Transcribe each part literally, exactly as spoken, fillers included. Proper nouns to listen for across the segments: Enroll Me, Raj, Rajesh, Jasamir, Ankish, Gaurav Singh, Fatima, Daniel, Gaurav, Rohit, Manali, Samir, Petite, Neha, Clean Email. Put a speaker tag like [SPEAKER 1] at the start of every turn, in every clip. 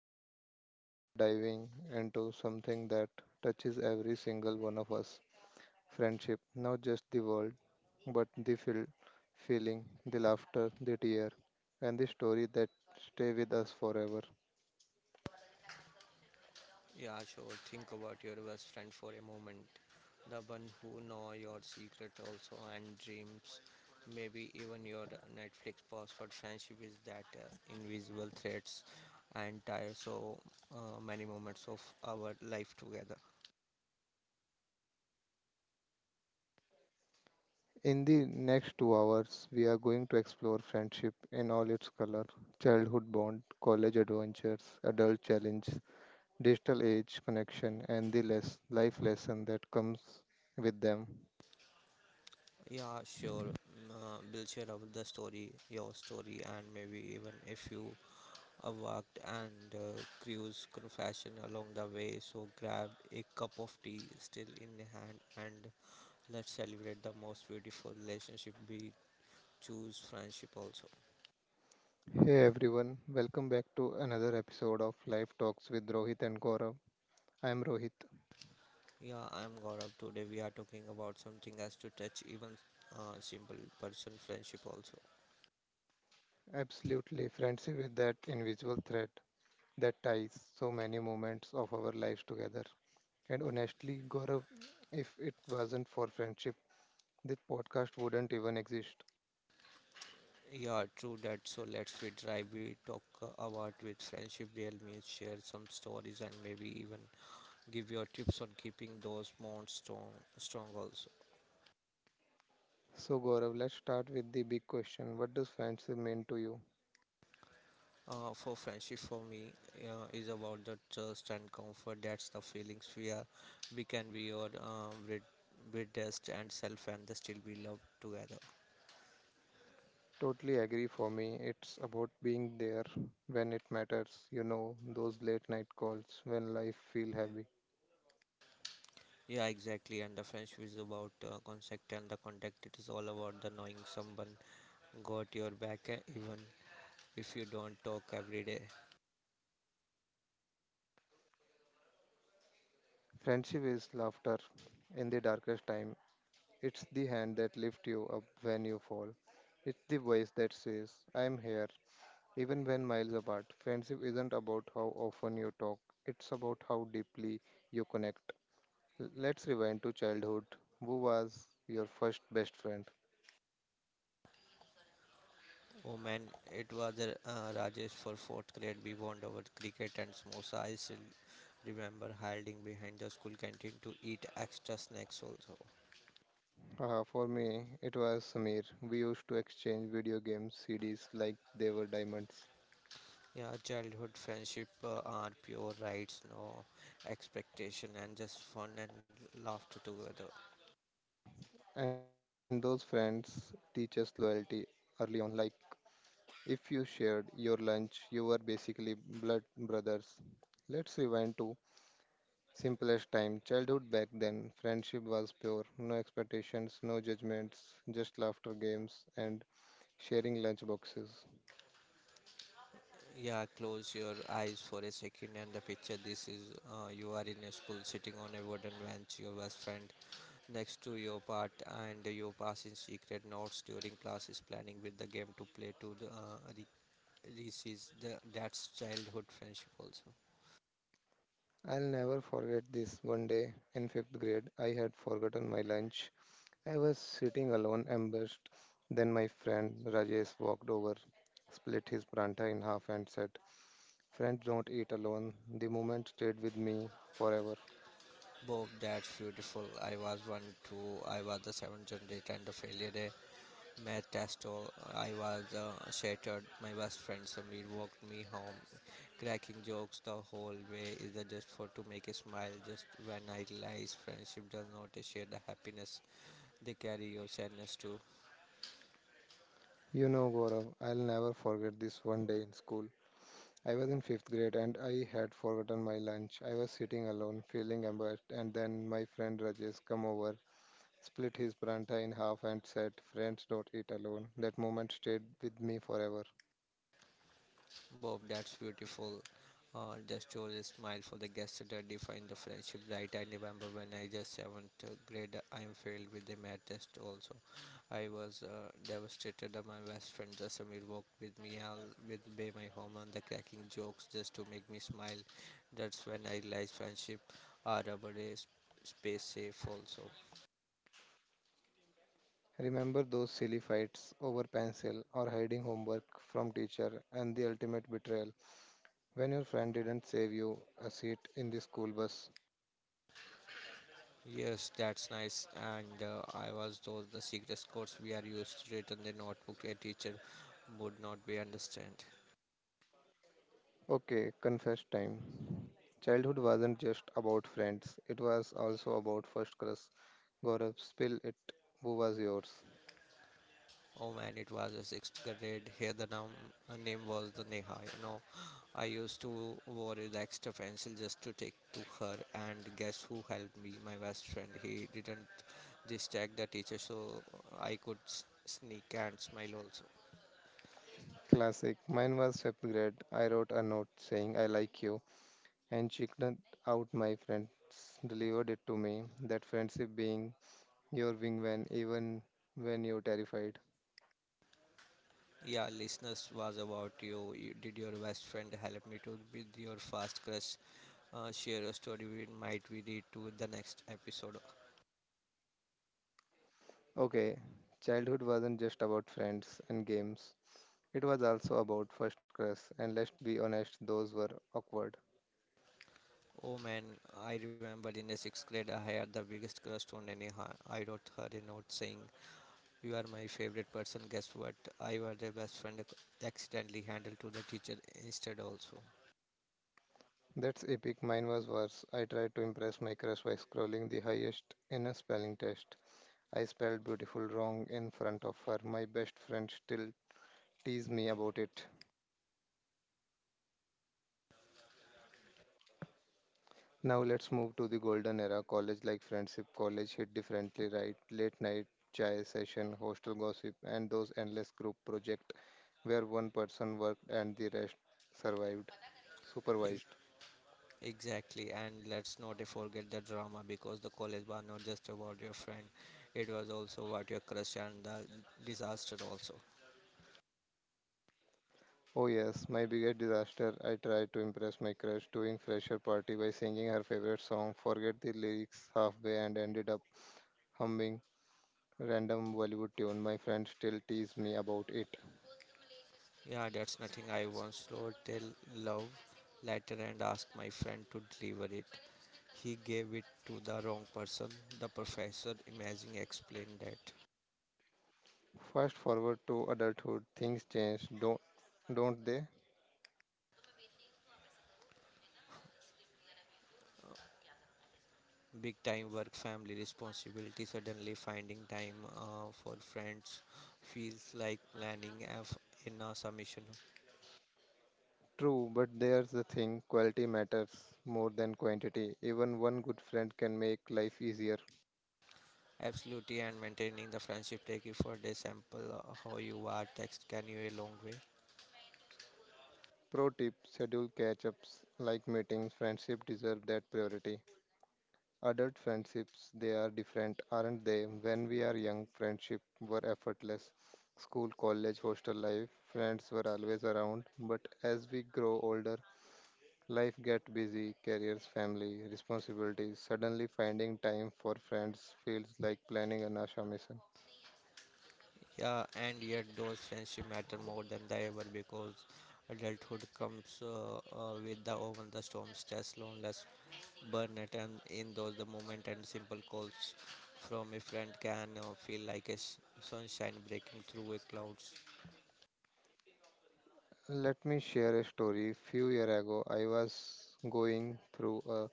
[SPEAKER 1] Gaurav. Today we are diving into something that touches every single one of us friendship, not just the world, but the feel, feeling, the laughter, the tear, and the story that stay with us forever.
[SPEAKER 2] Yeah, sure. Think about your best friend for a moment. The one who know your secret also and dreams. Maybe even your Netflix password friendship is that uh, invisible threads and tire so uh, many moments of our life together.
[SPEAKER 1] In the next two hours, we are going to explore friendship in all its color childhood bond, college adventures, adult challenge, digital age connection, and the less life lesson that comes with them.
[SPEAKER 2] Yeah, sure. Mm, Uh, we'll share about the story, your story, and maybe even if you uh, walked and uh, cruise confession along the way. So grab a cup of tea still in hand and let's celebrate the most beautiful relationship we choose friendship also.
[SPEAKER 1] Hey everyone, welcome back to another episode of Life Talks with Rohit and Gaurav. I am Rohit.
[SPEAKER 2] Yeah, I'm Gaurav. Today we are talking about something as to touch even uh, simple person friendship also.
[SPEAKER 1] Absolutely, friendship is that invisible thread that ties so many moments of our lives together. And honestly, Gaurav, if it wasn't for friendship, this podcast wouldn't even exist.
[SPEAKER 2] Yeah, true that. So let's we try we talk uh, about with friendship real means share some stories and maybe even give your tips on keeping those bonds strong strong also.
[SPEAKER 1] So, Gaurav, let's start with the big question. What does friendship mean to you?
[SPEAKER 2] Uh, for friendship, for me, uh, is about the trust and comfort. That's the feelings we are. We can be your um, brid- bridest and self, and they still be loved together.
[SPEAKER 1] Totally agree. For me, it's about being there when it matters. You know, those late night calls when life feels heavy.
[SPEAKER 2] Yeah, exactly. And the friendship is about uh, contact and the contact. It is all about the knowing someone got your back, eh, even if you don't talk every day.
[SPEAKER 1] Friendship is laughter in the darkest time. It's the hand that lifts you up when you fall. It's the voice that says, "I am here," even when miles apart. Friendship isn't about how often you talk, it's about how deeply you connect. L- Let's rewind to childhood. Who was your first best friend?
[SPEAKER 2] Oh man, it was uh, Rajesh for fourth grade. We bond over cricket and samosa. I still remember hiding behind the school canteen to eat extra snacks also.
[SPEAKER 1] Uh, for me, it was Samir. We used to exchange video games C Ds like they were diamonds.
[SPEAKER 2] Yeah, childhood friendship uh, are pure rights, no expectation, and just fun and laughter together.
[SPEAKER 1] And those friends teach us loyalty early on, like if you shared your lunch, you were basically blood brothers. Let's rewind to simplest time, childhood back then. Friendship was pure, no expectations, no judgments, just laughter games and sharing lunch boxes.
[SPEAKER 2] Yeah, close your eyes for a second and the picture. This is uh, you are in a school sitting on a wooden bench, your best friend next to your part, and you passing secret notes during classes, planning with the game to play to the uh, re- recess. The, that's childhood friendship also.
[SPEAKER 1] I'll never forget this one day in fifth grade. I had forgotten my lunch. I was sitting alone, embarrassed. Then my friend Rajesh walked over, split his pranta in half, and said, "Friends don't eat alone." The moment stayed with me forever.
[SPEAKER 2] Bob, that's beautiful. I was one too. I was the seventh generation and the failure. Math test all, I was uh, shattered. My best friend Samir walked me home, cracking jokes the whole way. Is that just for to make a smile? Just when I realize friendship does not share the happiness, they carry your sadness too.
[SPEAKER 1] You know, Gaurav, I'll never forget this one day in school. I was in fifth grade and I had forgotten my lunch. I was sitting alone, feeling embarrassed, and then my friend Rajesh come over, split his pranta in half, and said, "Friends, don't eat alone." That moment stayed with me forever.
[SPEAKER 2] Bob, that's beautiful. Uh, just chose a smile for the guest that define the friendship, right? I remember when I just seventh grade, I am failed with the math test. Also, I was uh, devastated. That My best friend Jasamir walked with me all with by my home and the cracking jokes just to make me smile. That's when I realized friendship are about a s- space safe also.
[SPEAKER 1] Remember those silly fights over pencil or hiding homework from teacher and the ultimate betrayal when your friend didn't save you a seat in the school bus.
[SPEAKER 2] Yes, that's nice. And uh, I was told the secret codes we are used to written the notebook a teacher would not be understand.
[SPEAKER 1] Okay, confess time. Childhood wasn't just about friends, it was also about first crush. Gaurav, spill it. Who was yours?
[SPEAKER 2] Oh man, it was a sixth grade. Here the num- uh, name was the Neha. You know, I used to worry the extra pencil just to take to her. And guess who helped me? My best friend. He didn't distract the teacher, so I could s- sneak and smile also.
[SPEAKER 1] Classic. Mine was fifth grade. I wrote a note saying I like you and chickened out. My friends delivered it to me. That friendship being your wingman even when you're terrified.
[SPEAKER 2] Yeah, listeners was about you. you. Did your best friend help me to with your first crush? Uh, share your story. We might we read to the next episode.
[SPEAKER 1] Okay, childhood wasn't just about friends and games. It was also about first crush, and let's be honest, those were awkward.
[SPEAKER 2] Oh man, I remember in the sixth grade I had the biggest crush on any. ha- I wrote her a note saying, "You are my favorite person." Guess what? I was their best friend. Accidentally handed to the teacher instead also.
[SPEAKER 1] That's epic. Mine was worse. I tried to impress my crush by scrolling the highest in a spelling test. I spelled beautiful wrong in front of her. My best friend still tease me about it. Now let's move to the golden era college like friendship, college hit differently, right? Late night chai session, hostel gossip, and those endless group project where one person worked and the rest survived,
[SPEAKER 2] E-
[SPEAKER 1] supervised.
[SPEAKER 2] Exactly, and let's not forget the drama because the college was not just about your friend; it was also about your crush and the disaster also.
[SPEAKER 1] Oh yes, my biggest disaster. I tried to impress my crush during fresher party by singing her favorite song, forget the lyrics halfway and ended up humming random Bollywood tune. My friends still tease me about it.
[SPEAKER 2] Yeah, that's nothing. I once wrote a love letter and asked my friend to deliver it. He gave it to the wrong person. The professor, imagine, explained that
[SPEAKER 1] Fast forward to adulthood, things change, don't don't they?
[SPEAKER 2] big time work, family responsibility, suddenly finding time uh, for friends feels like planning F in a submission.
[SPEAKER 1] True, but there's the thing quality matters more than quantity. Even one good friend can make life easier.
[SPEAKER 2] Absolutely, and maintaining the friendship take effort. A sample uh, how you are text can you a long way.
[SPEAKER 1] Pro tip schedule catch ups like meetings, friendship deserve that priority. Adult friendships, they are different, aren't they? When we are young, friendship were effortless. School, college, hostel life, friends were always around. But as we grow older, life gets busy, careers, family, responsibilities. Suddenly finding time for friends feels like planning an asha.
[SPEAKER 2] Yeah, and yet those friendships matter more than they ever because adulthood comes uh, uh, with the over the storm, stress, loneliness, burnout, and in those the moment and simple calls from a friend can uh, feel like a s- sunshine breaking through a clouds.
[SPEAKER 1] Let me share a story. Few year ago, I was going through a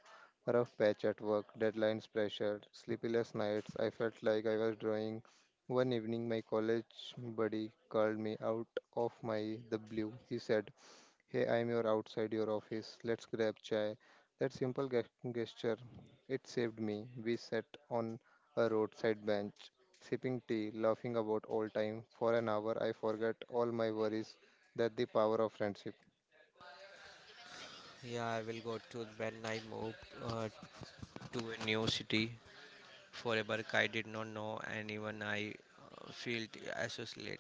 [SPEAKER 1] rough patch at work, deadlines pressured, sleepless nights. I felt like I was drawing. One evening, my college buddy called me out of my the blue. He said, "Hey, I'm your outside your office. Let's grab chai." That simple ge- gesture, it saved me. We sat on a roadside bench, sipping tea, laughing about old time. For an hour, I forgot all my worries. That the power of friendship.
[SPEAKER 2] Yeah, I will go to when I move uh, to a new city. Forever, I did not know anyone. I uh, felt associated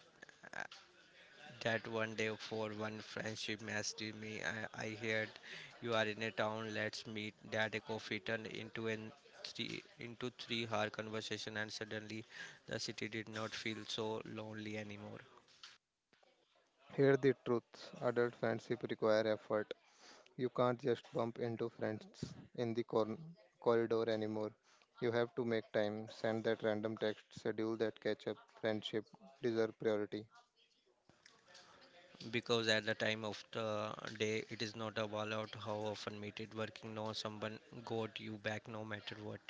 [SPEAKER 2] that one day for one friendship messaged me. I, I heard you are in a town. Let's meet. That a coffee turned into an three into three hour conversation, and suddenly the city did not feel so lonely anymore.
[SPEAKER 1] Here the truth. Adult friendship require effort. You can't just bump into friends in the cor- corridor anymore. You have to make time, send that random text, schedule that catch up. Friendship deserve priority.
[SPEAKER 2] Because at the time of the day, it is not about how often meet it. Working no, someone got you back no matter what.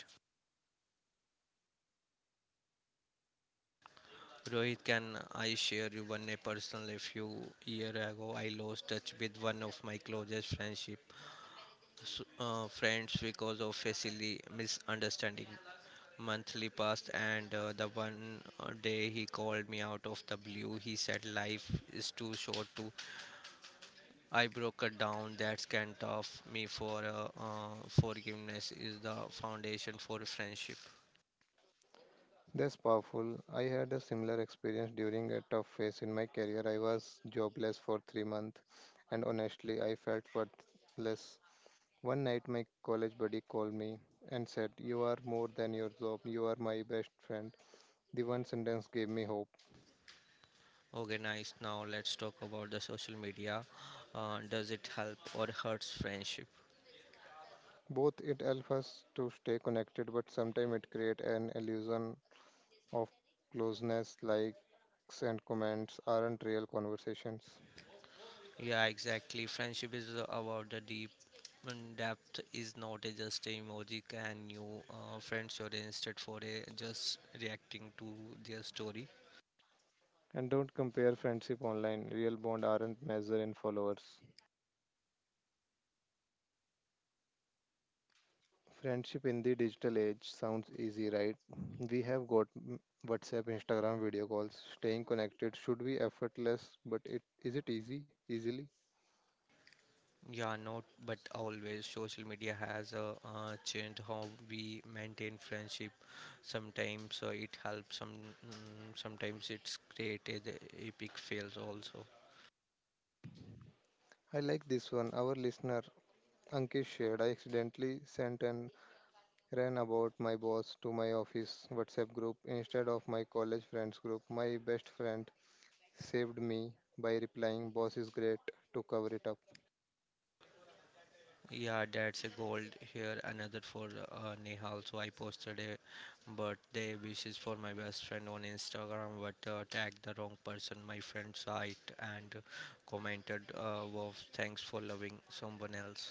[SPEAKER 2] Rohit, can I share you one a personal? A few year ago, I lost touch with one of my closest friendship s- uh, friends because of facility misunderstanding monthly passed and uh, the one uh, day he called me out of the blue. He said life is too short to I broke it down. That's kind of me for uh, uh, forgiveness is the foundation for a friendship.
[SPEAKER 1] That's powerful. I had a similar experience during a tough phase in my career. I was jobless for three months, and honestly, I felt worthless. One night, my college buddy called me and said, "You are more than your job. You are my best friend." The one sentence gave me hope.
[SPEAKER 2] Okay, nice. Now let's talk about the social media. Uh, does it help or hurts friendship?
[SPEAKER 1] Both it helps us to stay connected, but sometimes it creates an illusion of closeness, likes, and comments aren't real conversations.
[SPEAKER 2] Yeah, exactly. Friendship is about the deep and depth is not a just a emoji can you uh, friends or instead for a just reacting to their story.
[SPEAKER 1] And don't compare friendship online. Real bond aren't measured in followers. Friendship in the digital age sounds easy, right? We have got mm, WhatsApp, Instagram video calls. Staying connected should be effortless, but it is it easy? Easily?
[SPEAKER 2] Yeah, not but always social media has uh, uh, changed how we maintain friendship. Sometimes uh, it helps, some mm, sometimes it's created epic fails also.
[SPEAKER 1] I like this one. Our listener Ankish shared. I accidentally sent and ran about my boss to my office WhatsApp group instead of my college friends group. My best friend saved me by replying, "Boss is great," to cover it up.
[SPEAKER 2] Yeah, that's a gold here. Another for uh, Nehal. So I posted a birthday wishes for my best friend on Instagram, but uh, tagged the wrong person. My friend saw it and commented, uh, "Wow, thanks for loving someone else."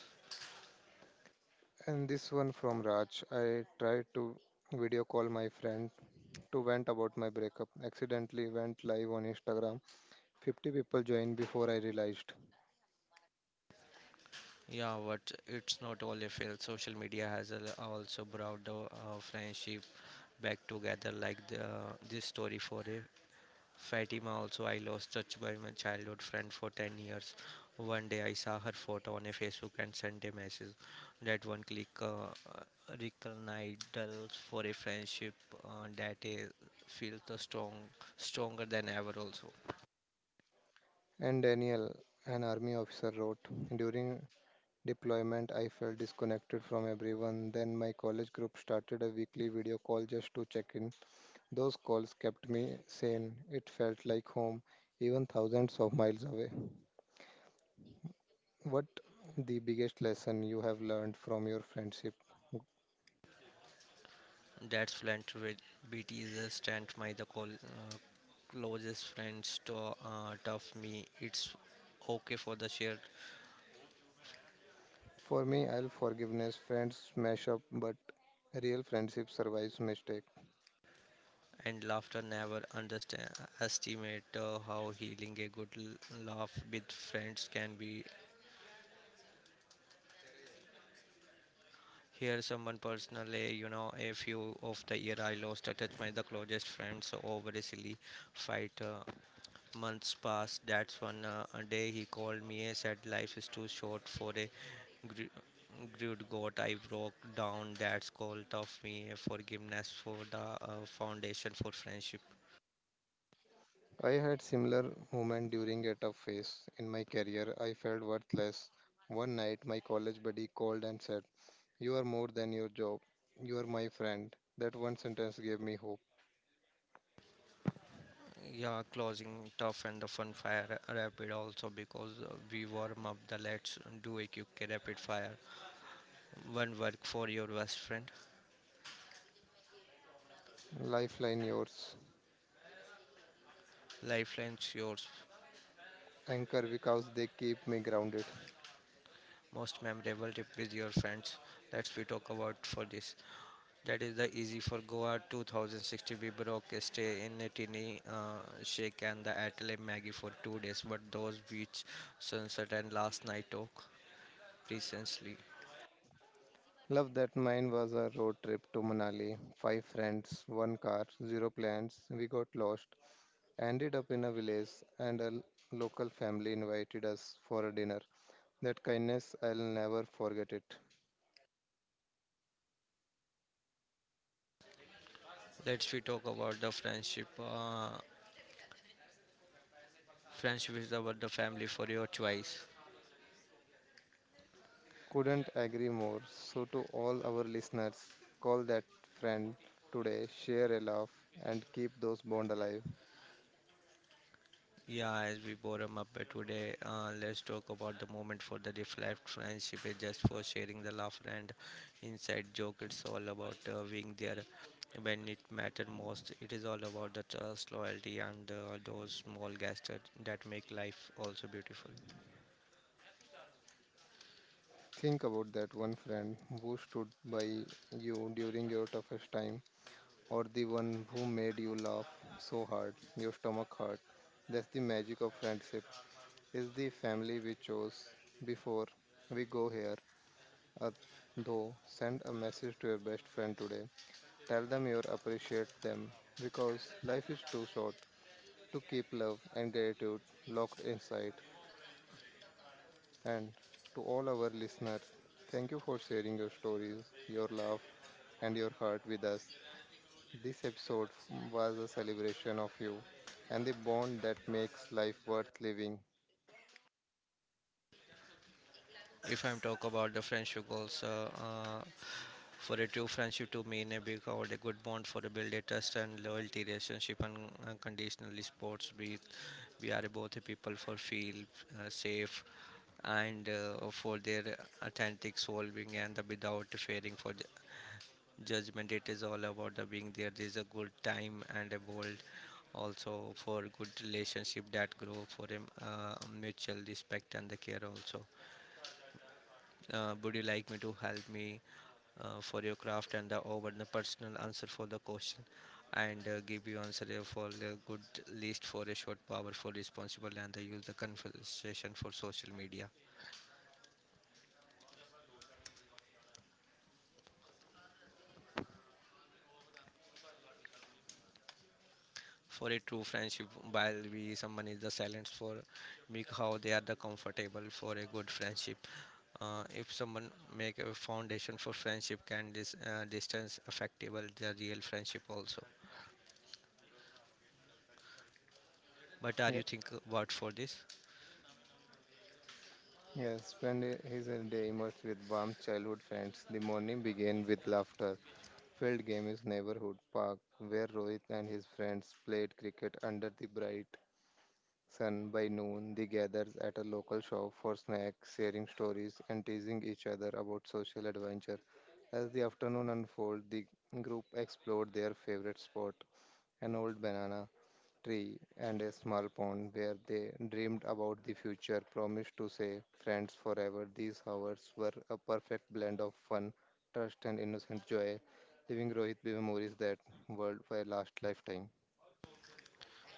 [SPEAKER 1] And this one from Raj. I tried to video call my friend to vent about my breakup. Accidentally went live on Instagram. fifty people joined before I realized.
[SPEAKER 2] Yeah, but it's not all a fail. Social media has al- also brought the uh, friendship back together, like the uh, this story for a Fatima also I lost touch by my childhood friend for ten years. One day I saw her photo on a Facebook and sent a message that one click uh, rekindles for a friendship uh, that is feels the strong stronger than ever also.
[SPEAKER 1] And Daniel, an army officer, wrote during deployment, I felt disconnected from everyone. Then my college group started a weekly video call just to check in. Those calls kept me sane. It felt like home, even thousands of miles away. What the biggest lesson you have learned from your friendship?
[SPEAKER 2] That's friend with B T is a stand my the call, uh, closest friends to uh, tough me. It's okay for the share
[SPEAKER 1] For me, I'll forgiveness. Friends smash up, but real friendship survives mistake.
[SPEAKER 2] and laughter never underestimate uh, how healing a good l- laugh with friends can be here someone personally. You know a few of the year I lost a touch my the closest friends over a silly fight. Uh, months passed. That's one uh, a day he called me and said life is too short for a gr- good God, I broke down. That's called of me forgiveness for the uh, foundation for friendship.
[SPEAKER 1] I had similar moment during a tough phase in my career. I felt worthless. One night, my college buddy called and said, "You are more than your job. You are my friend." That one sentence gave me hope.
[SPEAKER 2] Yeah, closing tough and the fun fire rapid also because uh, we warm up the let's do a quick rapid fire. One work for your best friend.
[SPEAKER 1] Lifeline yours,
[SPEAKER 2] Lifelines yours.
[SPEAKER 1] anchor because they keep me grounded.
[SPEAKER 2] Most memorable tip with your friends. Let's we talk about for this. That is the easy for Goa twenty sixty. We broke a stay in a tiny uh, shake and the Atelier Maggie for two days, but those beach sunset and last night talk recently.
[SPEAKER 1] Love that. Mine was a road trip to Manali. Five friends, one car, zero plans. We got lost. Ended up in a village and a l- local family invited us for a dinner. That kindness, I'll never forget it.
[SPEAKER 2] Let's we talk about the friendship. Uh, Friendship is about the family for your choice.
[SPEAKER 1] Couldn't agree more. So, to all our listeners, call that friend today, share a laugh, and keep those bonds alive.
[SPEAKER 2] Yeah, as we bore up by today, uh, let's talk about the moment for the reflect. Friendship is just for sharing the laughter and inside joke. It's all about uh, being there when it matters most. It is all about the trust, loyalty, and uh, those small gestures that make life also beautiful.
[SPEAKER 1] Think about that one friend who stood by you during your toughest time, or the one who made you laugh so hard, your stomach hurt. That's the magic of friendship. It's the family we chose. Before we go here. Uh, though, send a message to your best friend today. Tell them you appreciate them because life is too short to keep love and gratitude locked inside. And to all our listeners, thank you for sharing your stories, your love, and your heart with us. This episode was a celebration of you and the bond that makes life worth living.
[SPEAKER 2] If I'm talk about the friendship goals, uh, uh, for a true friendship to mean a big or a good bond for a build a trust and loyalty relationship and unconditionally sports we we are both the people for feel uh, safe and uh, for their authentic solving and the without fearing for the judgment it is all about the being there there is a good time and a world also for good relationship that grow for a uh, mutual respect and the care also uh, would you like me to help me uh, for your craft and the over the personal answer for the question and uh, give you answer uh, for the good list for a short powerful responsible and they use the conversation for social media for a true friendship while we someone is the silence for me how they are the comfortable for a good friendship. Uh, if someone make a foundation for friendship can this uh, distance affectable the real friendship also but are
[SPEAKER 1] Yeah.
[SPEAKER 2] you think about for this?
[SPEAKER 1] Yes, spend i- his day immersed with warm childhood friends. The morning began with laughter. Field game is neighborhood park where Rohit and his friends played cricket under the bright sun. By noon, they gathered at a local shop for snacks, sharing stories and teasing each other about social adventure. As the afternoon unfolded, the group explored their favorite spot, an old banana tree, and a small pond where they dreamed about the future, promised to say friends forever. These hours were a perfect blend of fun, trust, and innocent joy, leaving Rohit with memories that world for a last lifetime.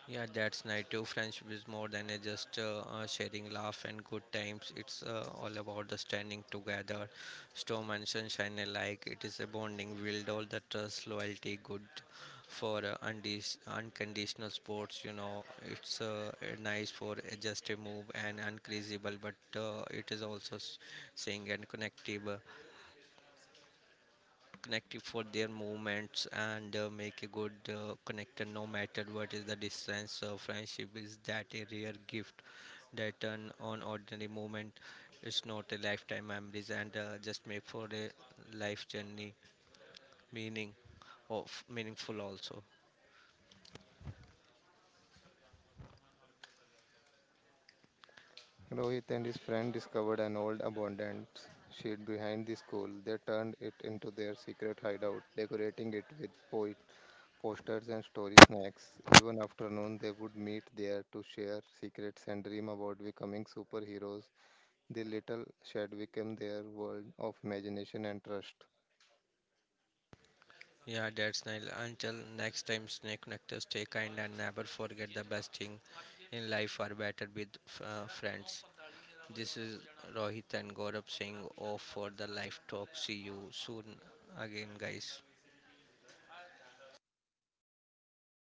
[SPEAKER 2] Yeah, that's nice too. Friendship is more than a just uh, uh, sharing laugh and good times. It's uh, all about the standing together, storm and sunshine alike. It is a bonding, build all the trust, loyalty, good for uh, undis- unconditional sports. You know, it's uh, uh, nice for uh, just a move and uncreasable, but uh, it is also s- saying and connective connective for their movements and uh, make a good uh, connector no matter what is the distance. Uh, friendship is that a rare gift that turn on ordinary moment. It's not a lifetime memories and uh, just make for a life journey meaning of meaningful also.
[SPEAKER 1] Rohit and his friend discovered an old abandoned shed behind the school. They turned it into their secret hideout, decorating it with poet posters and story snacks. Even afternoon, they would meet there to share secrets and dream about becoming superheroes. The little shed became their world of imagination and trust.
[SPEAKER 2] Yeah, that's nice. Until next time, stay connected, stay kind, and never forget the best thing in life are better with uh, friends. This is Rohit and Gaurav Singh off for the live talk. See you soon again, guys.